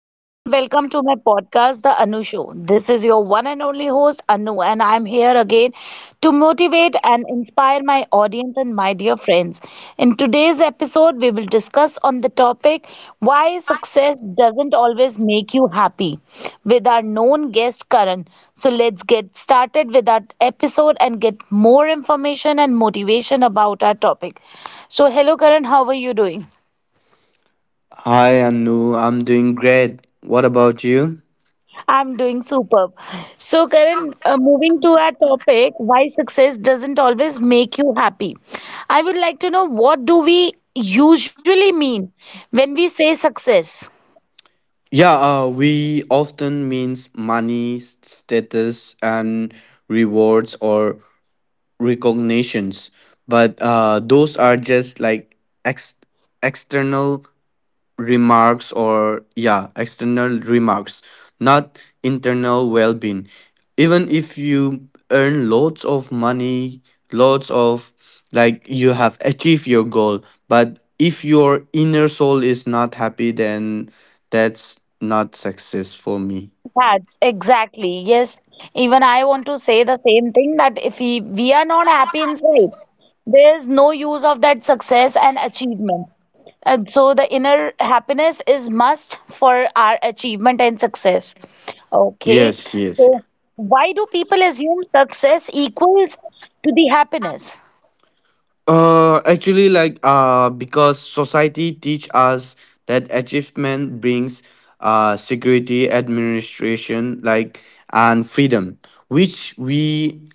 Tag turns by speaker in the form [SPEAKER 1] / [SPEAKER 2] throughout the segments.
[SPEAKER 1] Hello and welcome to my podcast, The Anu Show. This is your one and only host, Anu, and I'm here again to motivate and inspire my audience and my dear friends. In today's episode, we will discuss on the topic why success doesn't always make you happy with our known guest, Karan. So let's get started with our episode and get more information and motivation about our topic. So, hello, Karan, how are you doing?
[SPEAKER 2] Hi, Anu. I'm doing great. What about you?
[SPEAKER 1] I'm doing superb. So, Karan, moving to our topic, why success doesn't always make you happy. I would like to know, what do we usually mean when we say success?
[SPEAKER 2] Yeah, we often means money, status, and rewards or recognitions, but those are just like ex- external remarks or yeah external remarks, not internal well-being. Even if you earn lots of money, lots of, like, you have achieved your goal, but if your inner soul is not happy, then that's not success for me.
[SPEAKER 1] That's exactly. Yes. Even I want to say the same thing, that if we are not happy inside, there is no use of that success and achievement. And so the inner happiness is must for our achievement and success. Okay.
[SPEAKER 2] Yes, yes.
[SPEAKER 1] So why do people assume success equals to the happiness?
[SPEAKER 2] Actually, because society teach us that achievement brings security, administration, like, and freedom, which we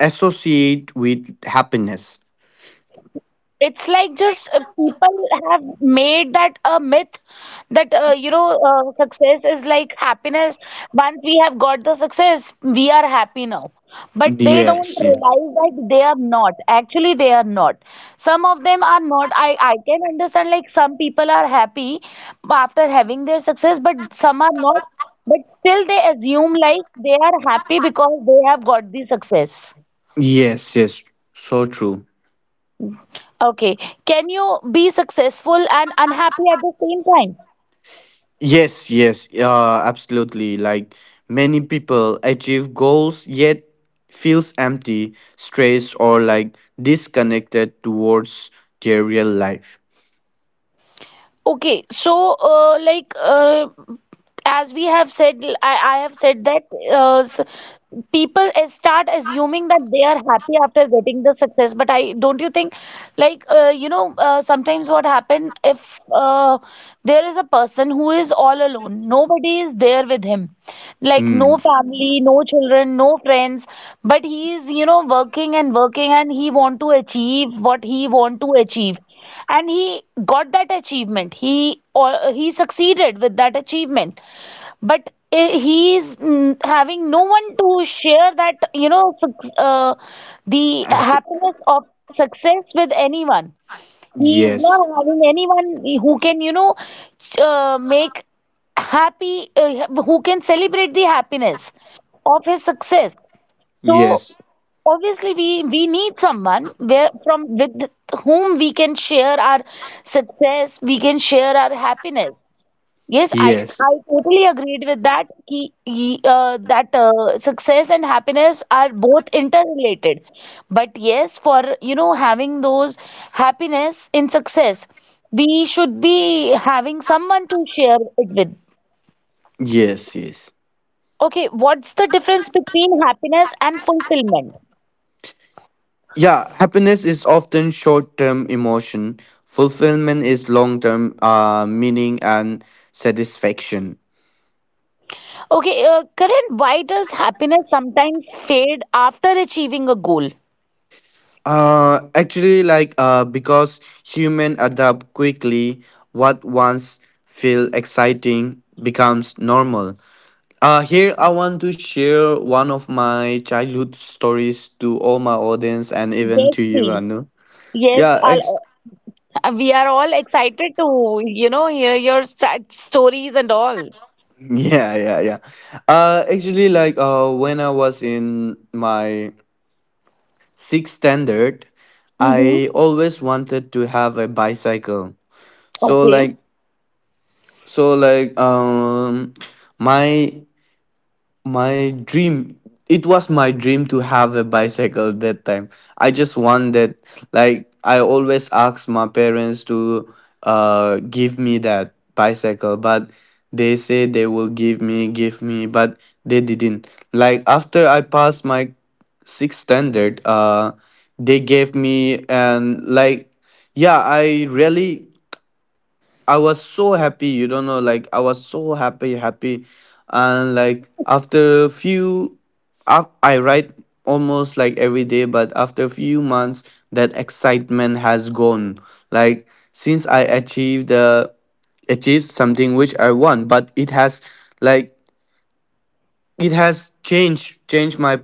[SPEAKER 2] associate with happiness.
[SPEAKER 1] It's like just people have made that a myth that success is like happiness. Once we have got the success, we are happy now. But they don't
[SPEAKER 2] Yes, yeah.
[SPEAKER 1] realize that they are not. Actually, they are not. Some of them are not. I can understand, like, some people are happy after having their success, but some are not. But still, they assume like they are happy because they have got the success.
[SPEAKER 2] Yes, yes. So true.
[SPEAKER 1] Okay. Can you be successful and unhappy at the same time?
[SPEAKER 2] Yes, yes. Absolutely. Like many people achieve goals yet feels empty, stressed, or like disconnected towards their real life.
[SPEAKER 1] Okay. So, as we have said, I have said that uh, s- people start assuming that they are happy after getting the success. But I don't you think, like, sometimes what happen if there is a person who is all alone, nobody is there with him, like no
[SPEAKER 2] Hmm.
[SPEAKER 1] family, no children, no friends, but he is, you know, working and working and he want to achieve what he want to achieve. And he got that achievement. He or he succeeded with that achievement. But he is having no one to share that, you know, the
[SPEAKER 2] Happy.
[SPEAKER 1] happiness of success with anyone. He is
[SPEAKER 2] Yes.
[SPEAKER 1] not having anyone who can, you know, make happy, who can celebrate the happiness of his success. So
[SPEAKER 2] Yes.
[SPEAKER 1] obviously, we need someone where from with whom we can share our success, we can share our happiness. Yes, I
[SPEAKER 2] Yes.
[SPEAKER 1] I totally agreed with that. That success and happiness are both interrelated. But yes, for, you know, having those happiness in success, we should be having someone to share it with.
[SPEAKER 2] Yes. Yes.
[SPEAKER 1] Okay, what's the difference between happiness and fulfillment?
[SPEAKER 2] Yeah, happiness is often short-term emotion. Fulfillment is long-term meaning and satisfaction.
[SPEAKER 1] Okay, Karan, why does happiness sometimes fade after achieving a goal?
[SPEAKER 2] Actually, because human adapt quickly, what once feel exciting becomes normal. Here I want to share one of my childhood stories to all my audience and even
[SPEAKER 1] Yes,
[SPEAKER 2] to you,
[SPEAKER 1] please.
[SPEAKER 2] Anu.
[SPEAKER 1] Yes,
[SPEAKER 2] Yeah.
[SPEAKER 1] I'll. We are all excited to, you know, hear your st stories and all.
[SPEAKER 2] Yeah. Actually, when I was in my sixth standard,
[SPEAKER 1] Mm-hmm.
[SPEAKER 2] I always wanted to have a bicycle. So
[SPEAKER 1] Okay.
[SPEAKER 2] like, so like, um, my My dream, it was my dream to have a bicycle that time. I just wanted, like, I always asked my parents to give me that bicycle, but they say they will give me, but they didn't. Like after I passed my sixth standard, they gave me and like, yeah, I really, I was so happy, you don't know, like I was so happy, happy, and like after a few, I write almost like every day, but after a few months, that excitement has gone. Like since I achieved the, achieved something which I want, but it has, like it has changed my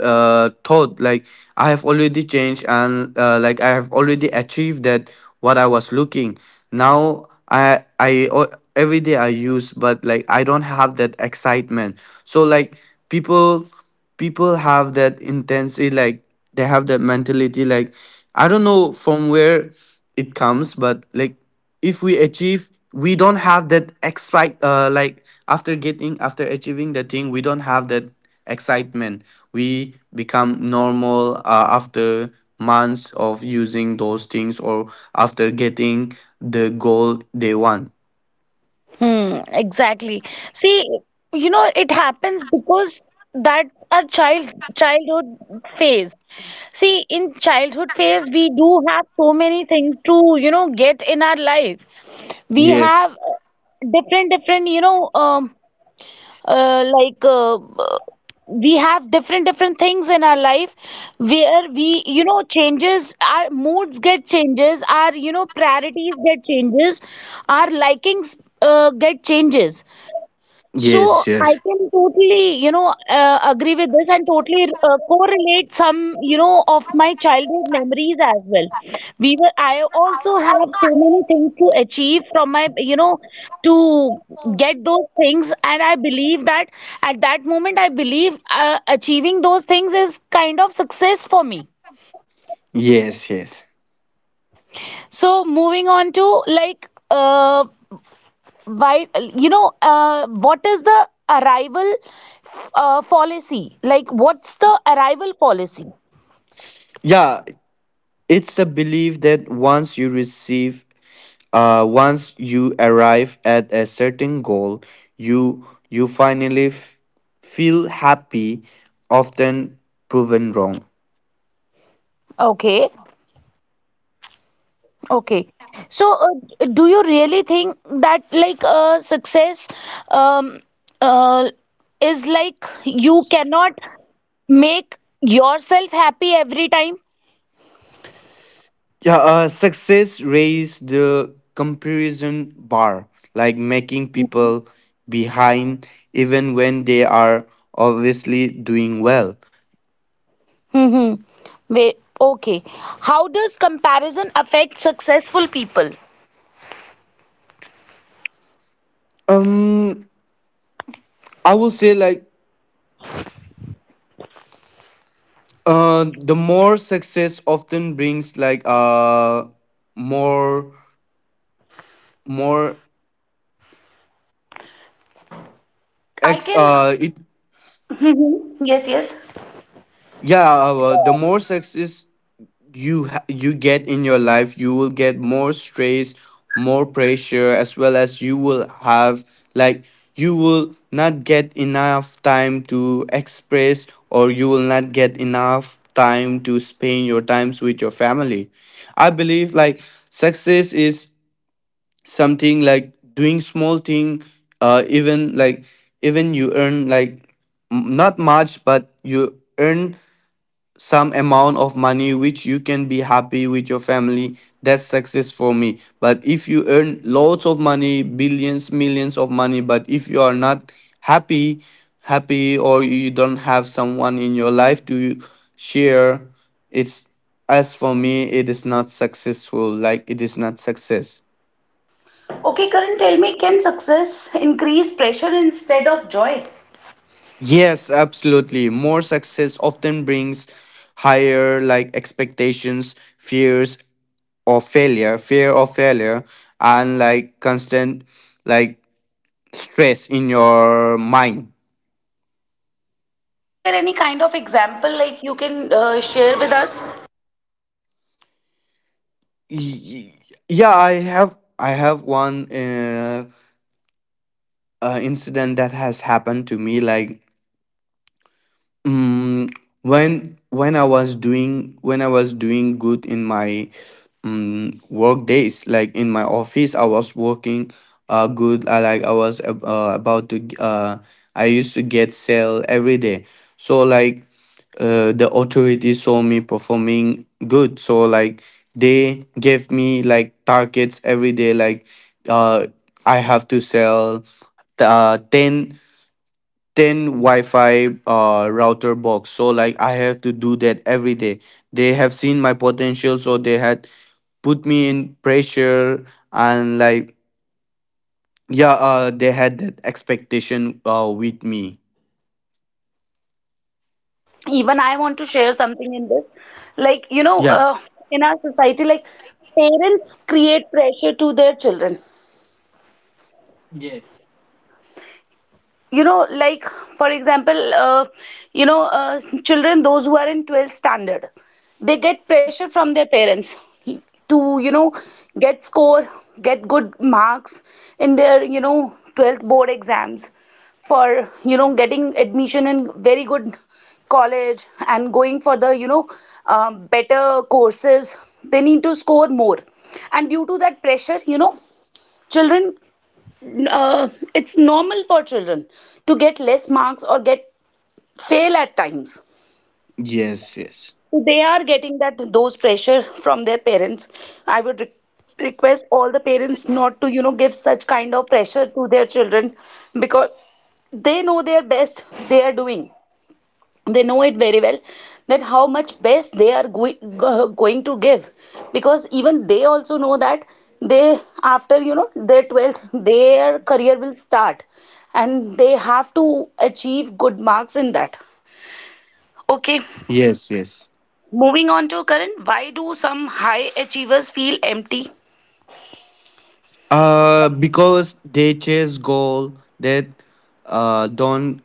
[SPEAKER 2] thought. Like I have already changed and like I have already achieved that what I was looking. Now I every day I use, but like I don't have that excitement. So like people people have that intensity, like they have that mentality. Like I don't know from where it comes, but like if we achieve, we don't have that excite. Like after getting, after achieving the thing, we don't have that excitement. We become normal after months of using those things or after getting the goal they want.
[SPEAKER 1] Hmm, exactly. See, you know, it happens because that's our childhood phase. See, in childhood phase, we do have so many things to, you know, get in our life. We
[SPEAKER 2] Yes,
[SPEAKER 1] have different, different, you know, uh, like uh, we have different different things in our life where we, you know, changes our moods get changes, our, you know, priorities get changes, our likings get changes. So
[SPEAKER 2] yes,
[SPEAKER 1] I
[SPEAKER 2] yes,
[SPEAKER 1] can totally, you know, agree with this and totally correlate some, you know, of my childhood memories as well. We were, I also have so many things to achieve from my, you know, to get those things. And I believe that at that moment, I believe achieving those things is kind of success for me.
[SPEAKER 2] yes, yes.
[SPEAKER 1] So moving on to like, why, you know, what is the arrival fallacy, like, what's the arrival policy?
[SPEAKER 2] Yeah, it's a belief that once you receive, once you arrive at a certain goal, you you finally feel happy, often proven wrong.
[SPEAKER 1] Okay, okay. So do you really think that like success, um, uh, is like you cannot make yourself happy every time?
[SPEAKER 2] Yeah, success raised the comparison bar, like making people behind even when they are obviously doing well.
[SPEAKER 1] Hmm, wait, okay. How does comparison affect successful people?
[SPEAKER 2] Um, I will say like the more success often brings like more more
[SPEAKER 1] I
[SPEAKER 2] ex
[SPEAKER 1] can.
[SPEAKER 2] it
[SPEAKER 1] Yes, yes.
[SPEAKER 2] yeah the more success you get in your life, you will get more stress, more pressure, as well as you will have, like, you will not get enough time to express, or you will not get enough time to spend your times with your family. I believe like success is something like doing small thing. Even like even you earn like, not much, but you earn some amount of money which you can be happy with your family, that's success for me. But if you earn lots of money, billions, millions of money, but if you are not happy happy, or you don't have someone in your life to share, it's, as for me, it is not successful, like it is not success.
[SPEAKER 1] Okay, Karan, tell me, can success increase pressure instead of joy?
[SPEAKER 2] Yes, absolutely. More success often brings higher like expectations, fears of failure, and like constant like stress in your mind.
[SPEAKER 1] Is there any kind of example like you can share with us?
[SPEAKER 2] Y- y- Yeah, I have one incident that has happened to me, like. Mm, when when I was doing good in my work days, like in my office, I was working good. I like I was about to I used to get sale every day. So like the authorities saw me performing good. So like they gave me like targets every day. Like uh I have to sell uh 10 wi-fi router box, so like I have to do that every day. They have seen my potential, so they had put me in pressure. And like yeah, they had that expectation with me.
[SPEAKER 1] Even I want to share something in this. Like, you know,
[SPEAKER 2] Yeah.
[SPEAKER 1] in our society, like parents create pressure to their children. You know, like, for example, children those who are in 12th standard, they get pressure from their parents to, you know, get score, get good marks in their, you know, 12th board exams, for, you know, getting admission in very good college and going for the, you know, better courses, they need to score more. And due to that pressure, you know, children, uh, it's normal for children to get less marks or get fail at times.
[SPEAKER 2] Yes, yes.
[SPEAKER 1] So they are getting that those pressure from their parents. I would request all the parents not to, you know, give such kind of pressure to their children, because they know their best they are doing, they know it very well that how much best they are going to give, because even they also know that they, after, you know, their 12th, their career will start, and they have to achieve good marks in that. Okay.
[SPEAKER 2] Yes, yes.
[SPEAKER 1] Moving on to current, why do some high achievers feel empty
[SPEAKER 2] Because they chase goal that uh don't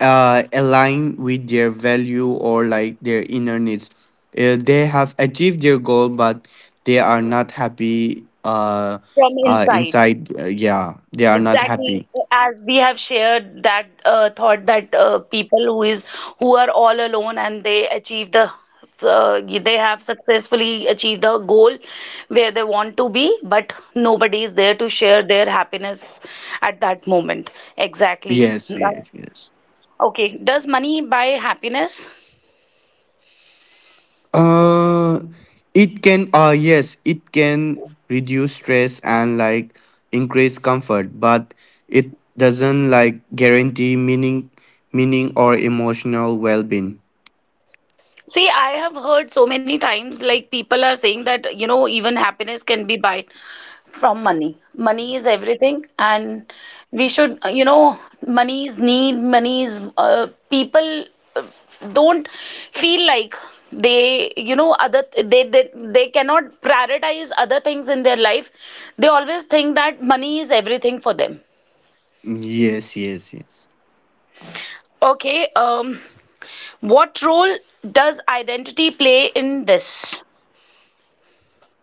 [SPEAKER 2] uh, align with their value or like their inner needs. They have achieved their goal, but they are not happy.
[SPEAKER 1] from inside?
[SPEAKER 2] Inside, yeah, they are not
[SPEAKER 1] Exactly,
[SPEAKER 2] happy.
[SPEAKER 1] as we have shared that thought that people who is, who are all alone and they achieve the they have successfully achieved the goal where they want to be, but nobody is there to share their happiness at that moment. Exactly.
[SPEAKER 2] Yes,
[SPEAKER 1] That—
[SPEAKER 2] yes, yes.
[SPEAKER 1] okay. Does money buy happiness?
[SPEAKER 2] Uh, it can. Yes, it can reduce stress and like increase comfort, but it doesn't like guarantee meaning or emotional well-being.
[SPEAKER 1] See, I have heard so many times, like, people are saying that, you know, even happiness can be buy from money. Money is everything, and we should, you know, money is need, money is, people uh, don't feel like they, you know, they, they cannot prioritize other things in their life. They always think that money is everything for them.
[SPEAKER 2] Yes, yes, yes.
[SPEAKER 1] Okay, what role does identity play in this?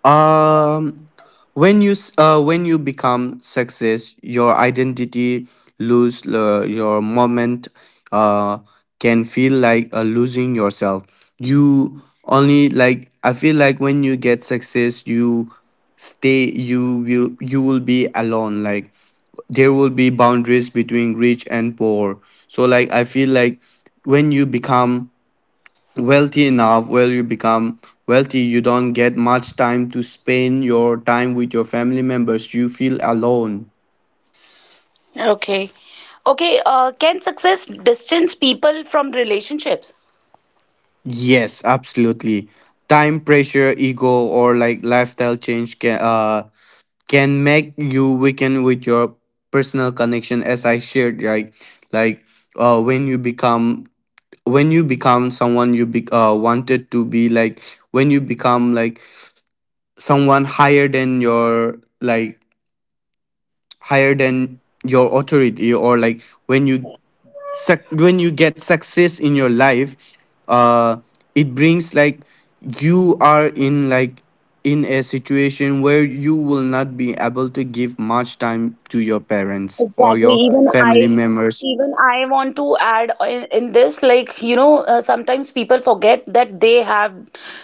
[SPEAKER 2] Um, when you become success, your identity lose your moment. Uh, can feel like losing yourself. You only, like I feel like when you get success, you stay. You will, you will be alone. Like there will be boundaries between rich and poor. So like I feel like when you become wealthy enough, when you become wealthy, you don't get much time to spend your time with your family members, you feel alone.
[SPEAKER 1] Okay. Okay, can success distance people from relationships?
[SPEAKER 2] Yes, absolutely. Time pressure, ego, or like lifestyle change can make you weaken with your personal connection. As I shared, right, like uh when you become when you become someone you be, wanted to be, like when you become like someone higher than your like, higher than your authority, or like when you suc when you get success in your life, uh it brings like you are in like in a situation where you will not be able to give much time to your parents or your family
[SPEAKER 1] I,
[SPEAKER 2] members.
[SPEAKER 1] even I want to add in this, like, you know, sometimes people forget that they have,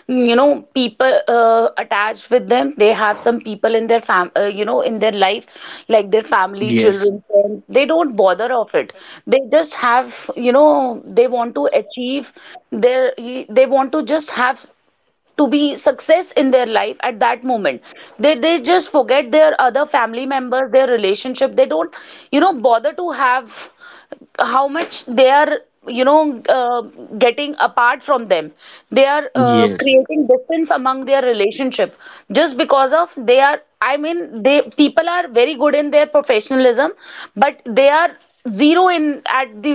[SPEAKER 1] you know, people attached with them. They have some people in their you know, in their life, like their family,
[SPEAKER 2] Yes.
[SPEAKER 1] children, friends. They don't bother of it. They just have, you know, they want to achieve their, they want to just have to be success in their life. At that moment, they just forget their other family members, their relationship. They don't, you know, bother to have how much they are, you know, getting apart from them. They are
[SPEAKER 2] Yes.
[SPEAKER 1] creating distance among their relationship, just because of they are, I mean, they, people are very good in their professionalism, but they are zero in at the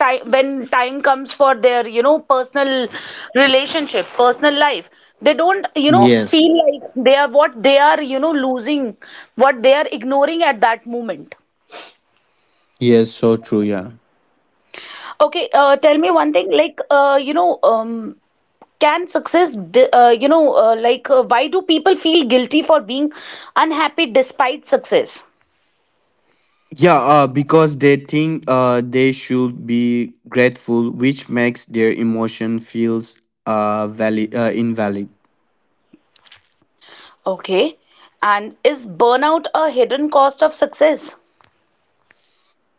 [SPEAKER 1] time when time comes for their, you know, personal relationship, personal life. They don't, you know,
[SPEAKER 2] Yes.
[SPEAKER 1] feel like they are what they are, you know, losing, what they are ignoring at that moment.
[SPEAKER 2] Yes, so true. Yeah.
[SPEAKER 1] Okay, tell me one thing, like, can success you know, why do people feel guilty for being unhappy despite success?
[SPEAKER 2] Yeah, because they think they should be grateful, which makes their emotion feels invalid.
[SPEAKER 1] Okay. And is burnout a hidden cost of success?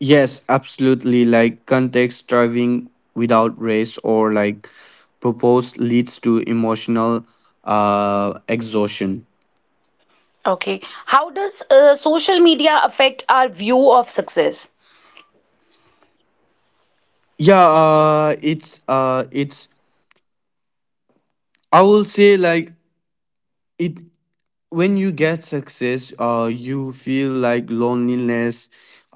[SPEAKER 2] Yes, absolutely. Like context striving without race or like propose leads to emotional exhaustion.
[SPEAKER 1] Okay. How does social media affect our view of success?
[SPEAKER 2] Yeah, it's it's. I will say like it. When you get success, you feel like loneliness,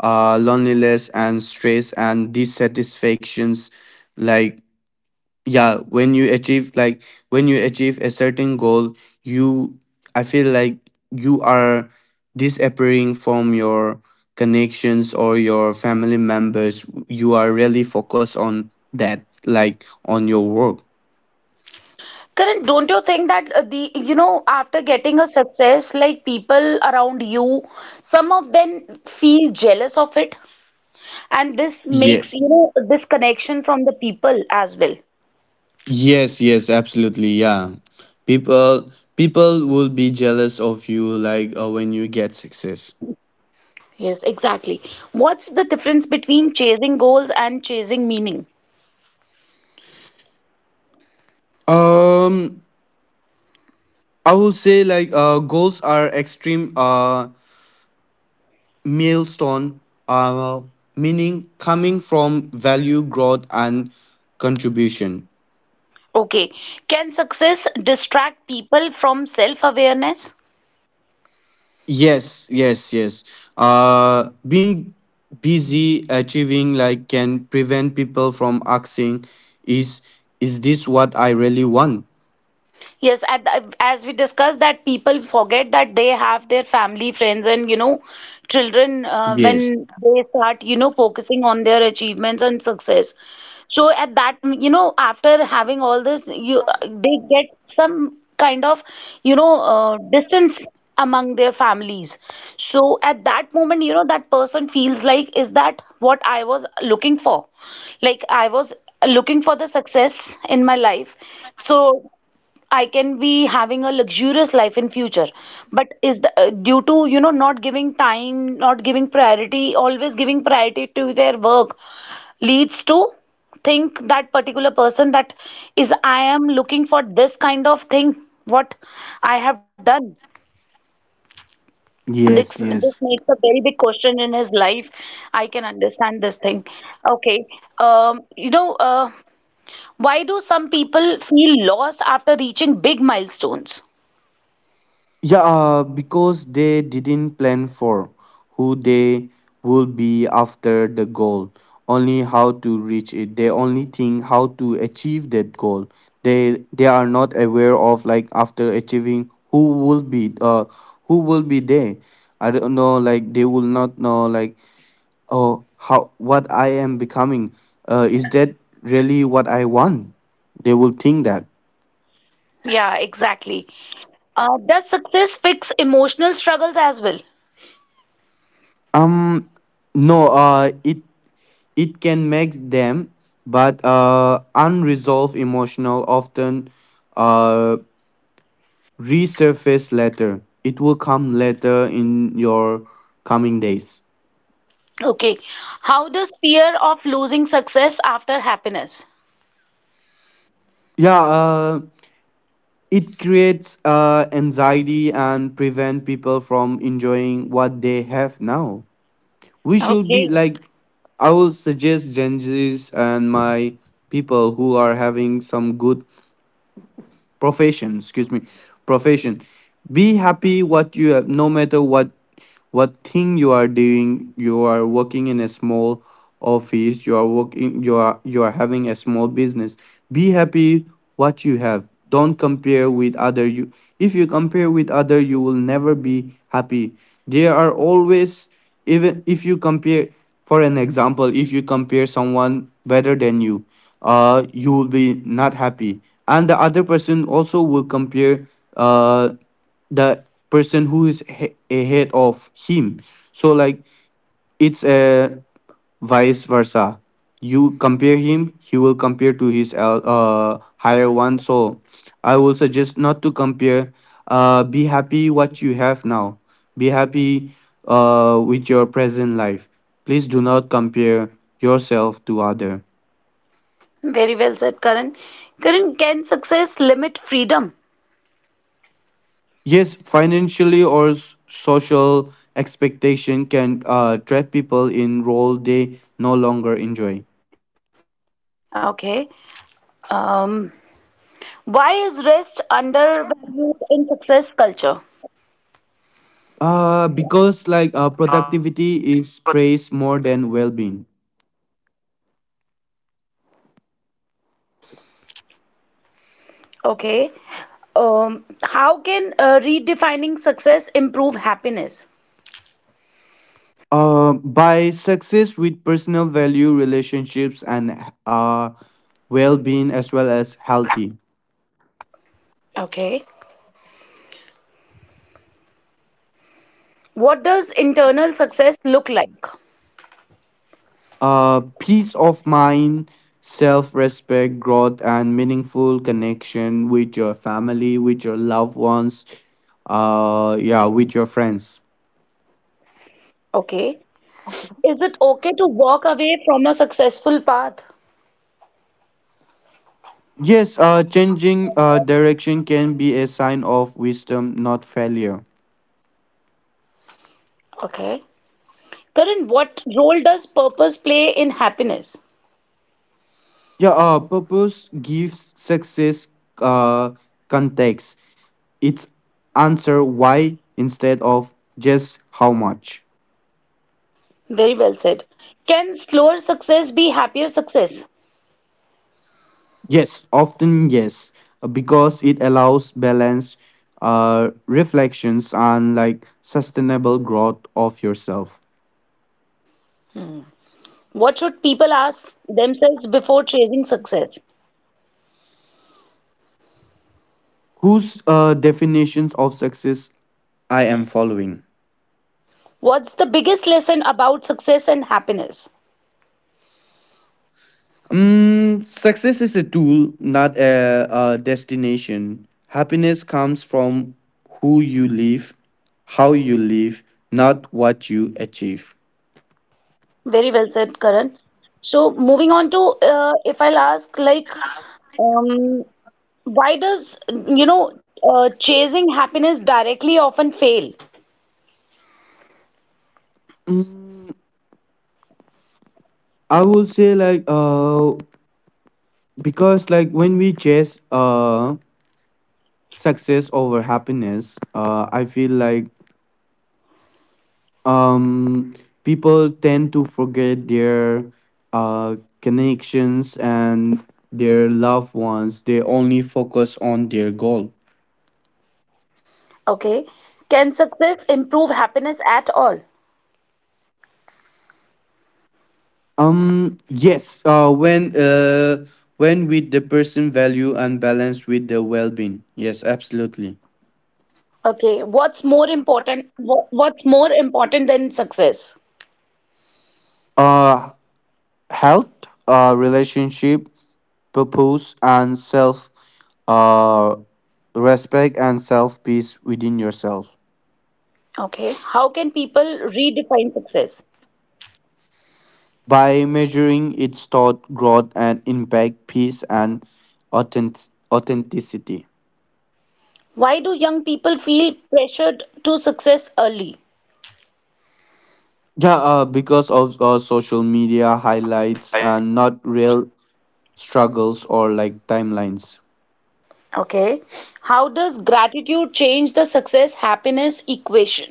[SPEAKER 2] uh, loneliness and stress and dissatisfactions. Like, yeah, when you achieve a certain goal, you, I feel like you are disappearing from your connections or your family members. You are really focused on that, like, on your work.
[SPEAKER 1] Karan, don't you think that the, you know, after getting a success, like, people around you, some of them feel jealous of it? And this
[SPEAKER 2] Yeah.
[SPEAKER 1] makes, you know, disconnection from the people as well.
[SPEAKER 2] Yes, yes, absolutely. Yeah. People will be jealous of you like when you get success.
[SPEAKER 1] Yes, exactly. What's the difference between chasing goals and chasing meaning?
[SPEAKER 2] Um I will say like goals are extreme milestone, uh meaning coming from value, growth, and contribution.
[SPEAKER 1] Okay. Can success distract people from self-awareness?
[SPEAKER 2] Yes, yes, yes. Being busy achieving, like, can prevent people from asking, is is this what I really want?
[SPEAKER 1] Yes, at, as we discussed that people forget that they have their family, friends, and, you know, children
[SPEAKER 2] Yes.
[SPEAKER 1] when they start, you know, focusing on their achievements and success. So at that, you know, after having all this, you they get some kind of, you know, distance among their families. So at that moment, you know, that person feels like, is that what I was looking for? Like, I was looking for the success in my life. So I can be having a luxurious life in future, but is the due to, you know, not giving time, not giving priority, always giving priority to their work, leads to think that particular person that is, I am looking for this kind of thing what I have done. This
[SPEAKER 2] Yes,
[SPEAKER 1] this
[SPEAKER 2] yes.
[SPEAKER 1] makes a very big question in his life. I can understand this thing. Okay, um, you know uh, why do some people feel lost after reaching big milestones?
[SPEAKER 2] Yeah, because they didn't plan for who they would be after the goal, only how to reach it. They only think how to achieve that goal. They are not aware of like after achieving who will be there. I don't know, like they will not know like, oh, how, what I am becoming. Is that really what I want? They will think that.
[SPEAKER 1] Yeah, exactly. Does success fix emotional struggles as well?
[SPEAKER 2] Um, no, it, it can make them, but unresolved emotional often uh, resurface later. It will come later in your coming days.
[SPEAKER 1] Okay. How does fear of losing success after happiness?
[SPEAKER 2] Yeah, it creates anxiety and prevent people from enjoying what they have now. We should be
[SPEAKER 1] Okay.
[SPEAKER 2] like, I will suggest Gen Zs and my people who are having some good profession, excuse me, profession, be happy what you have, no matter what thing you are doing, you are working in a small office, you are working, you are, you are having a small business, be happy what you have. Don't compare with other. You, if you compare with other, you will never be happy. There are always, even if you compare, for an example, if you compare someone better than you, you will be not happy, and the other person also will compare uh the person who is ahead of him. So like it's a vice versa. You compare him, he will compare to his higher one. So I will suggest not to compare. Be happy what you have now. Be happy with your present life. Please do not compare yourself to other.
[SPEAKER 1] Very well said, Karan. Karan, can success limit freedom?
[SPEAKER 2] Yes, financially or social expectation can trap people in role they no longer enjoy.
[SPEAKER 1] Okay. Um, why is rest undervalued in success culture?
[SPEAKER 2] Because like productivity is praised more than well-being.
[SPEAKER 1] Okay. How can redefining success improve happiness?
[SPEAKER 2] By success with personal value, relationships, and uh, well being, as well as healthy.
[SPEAKER 1] Okay. What does internal success look like?
[SPEAKER 2] Peace of mind, self respect, growth, and meaningful connection with your family, with your loved ones, yeah, with your friends.
[SPEAKER 1] Okay. Is it okay to walk away from a successful path?
[SPEAKER 2] Yes, changing direction can be a sign of wisdom, not failure.
[SPEAKER 1] Okay. Karan, what role does purpose play in happiness?
[SPEAKER 2] Yeah, purpose gives success uh, context. It's answer why instead of just how much.
[SPEAKER 1] Very well said. Can slower success be happier success?
[SPEAKER 2] Yes, often, yes, because it allows balance, reflections, and like sustainable growth of yourself.
[SPEAKER 1] What should people ask themselves before chasing success?
[SPEAKER 2] Whose definitions of success I am following?
[SPEAKER 1] What's the biggest lesson about success and happiness?
[SPEAKER 2] Success is a tool, not a destination. Happiness comes from who you live, how you live, not what you achieve.
[SPEAKER 1] Very well said, Karan. So, moving on to, if I'll ask, like, um, why does, you know, chasing happiness directly often fail?
[SPEAKER 2] Mm, I would say like because like when we chase success over happiness, I feel like um people tend to forget their uh connections and their loved ones. They only focus on their goal.
[SPEAKER 1] Okay. Can success improve happiness at all?
[SPEAKER 2] Um, yes, when with the person value and balance with the well-being. Yes, absolutely.
[SPEAKER 1] Okay. What's more important? What's more important than success?
[SPEAKER 2] Uh, health, relationship, purpose, and self uh, respect and self peace within yourself.
[SPEAKER 1] Okay. How can people redefine success?
[SPEAKER 2] By measuring its thought, growth, and impact, peace, and authenticity.
[SPEAKER 1] Why do young people feel pressured to success early?
[SPEAKER 2] Yeah, because of social media highlights and not real struggles or like timelines.
[SPEAKER 1] Okay. How does gratitude change the success happiness equation?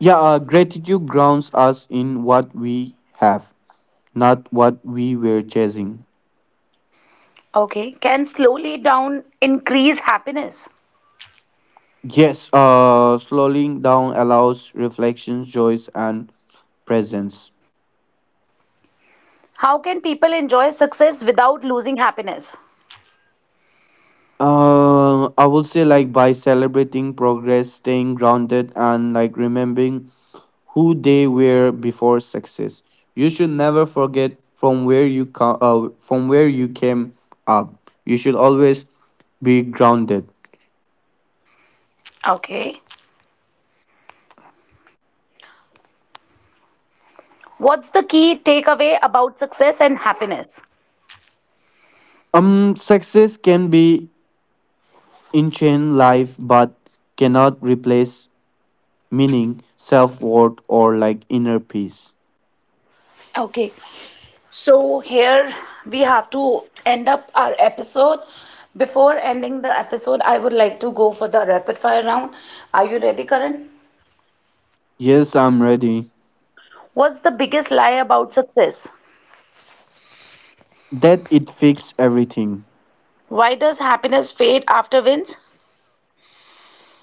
[SPEAKER 2] Yeah, gratitude grounds us in what we have, not what we were chasing.
[SPEAKER 1] Okay. Can slowly down increase happiness?
[SPEAKER 2] Yes, slowing down allows reflections, joys, and presence.
[SPEAKER 1] How can people enjoy success without losing happiness?
[SPEAKER 2] I would say like by celebrating progress, staying grounded, and like remembering who they were before success. You should never forget from where you come, from where you came up. You should always be grounded.
[SPEAKER 1] Okay. What's the key takeaway about success and happiness?
[SPEAKER 2] Success can be in chain life, but cannot replace meaning, self worth, or like inner peace.
[SPEAKER 1] Okay, so here we have to end up our episode. Before ending the episode, I would like to go for the rapid fire round. Are you ready, Karan?
[SPEAKER 2] Yes, I'm ready.
[SPEAKER 1] What's the biggest lie about success?
[SPEAKER 2] That it fixes everything.
[SPEAKER 1] Why does happiness fade after wins?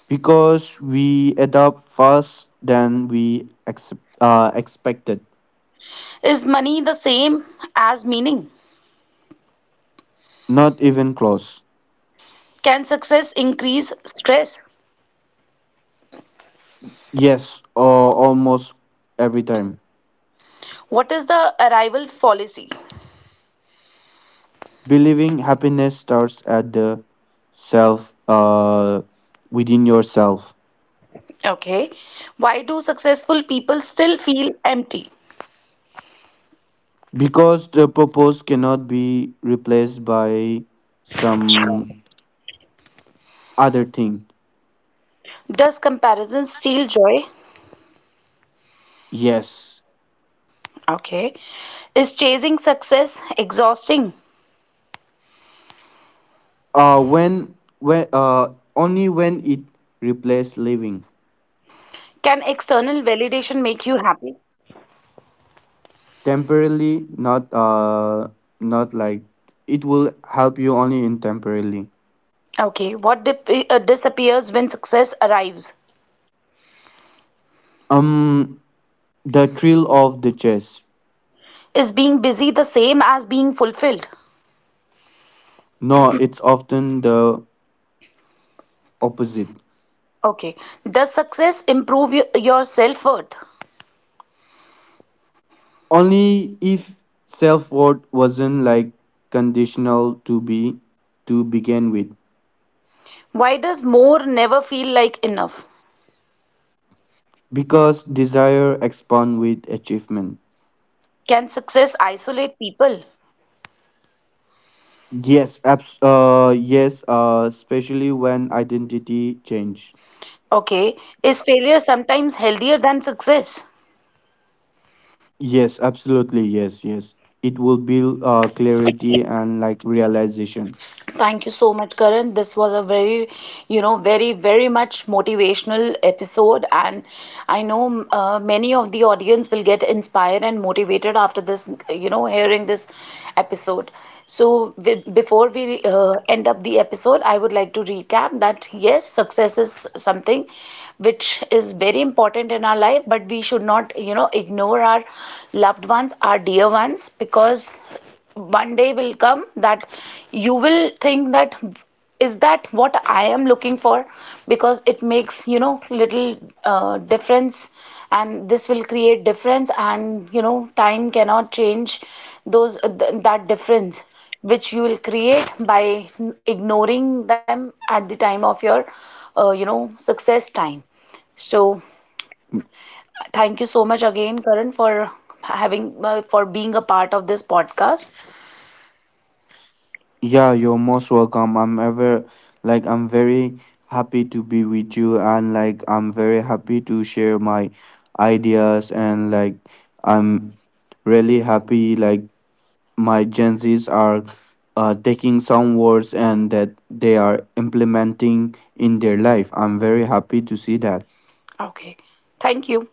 [SPEAKER 2] Because we adapt fast than we accept, expected.
[SPEAKER 1] Is money the same as meaning?
[SPEAKER 2] Not even close.
[SPEAKER 1] Can success increase stress?
[SPEAKER 2] Yes, or almost every time.
[SPEAKER 1] What is the arrival fallacy?
[SPEAKER 2] Believing happiness starts at the self, uh, within yourself.
[SPEAKER 1] Okay. Why do successful people still feel empty?
[SPEAKER 2] Because the purpose cannot be replaced by some other thing.
[SPEAKER 1] Does comparison steal joy?
[SPEAKER 2] Yes,
[SPEAKER 1] Okay. Is chasing success exhausting?
[SPEAKER 2] when only when it replaces living.
[SPEAKER 1] Can external validation make you happy?
[SPEAKER 2] Temporarily not uh not like It will help you only in temporarily.
[SPEAKER 1] Okay. What disappears when success arrives?
[SPEAKER 2] Um, the thrill of the chase.
[SPEAKER 1] Is being busy the same as being fulfilled?
[SPEAKER 2] No, it's often the opposite.
[SPEAKER 1] Okay. Does success improve your self worth?
[SPEAKER 2] Only if self-worth wasn't like conditional to be to begin with.
[SPEAKER 1] Why does more never feel like enough?
[SPEAKER 2] Because desire expand with achievement.
[SPEAKER 1] Can success isolate people?
[SPEAKER 2] Yes, especially when identity change.
[SPEAKER 1] Okay. Is failure sometimes healthier than success?
[SPEAKER 2] Yes, absolutely. Yes, yes. It will build clarity and like realization.
[SPEAKER 1] Thank you so much, Karan. This was a very, you know, very, very much motivational episode. And I know many of the audience will get inspired and motivated after this, you know, hearing this episode. So, with, before we end up the episode, I would like to recap that yes, success is something which is very important in our life, but we should not, you know, ignore our loved ones, our dear ones, because one day will come that you will think that, is that what I am looking for? Because it makes, you know, little difference, and this will create difference, and, you know, time cannot change those th that difference which you will create by ignoring them at the time of your, you know, success time. So, thank you so much again, Karan, for having for being a part of this podcast.
[SPEAKER 2] Yeah, you're most welcome. I'm ever like I'm very happy to be with you, and like I'm very happy to share my ideas, and like I'm really happy like my Gen Zs are taking some words and that they are implementing in their life. I'm very happy to see that.
[SPEAKER 1] Okay. Thank you.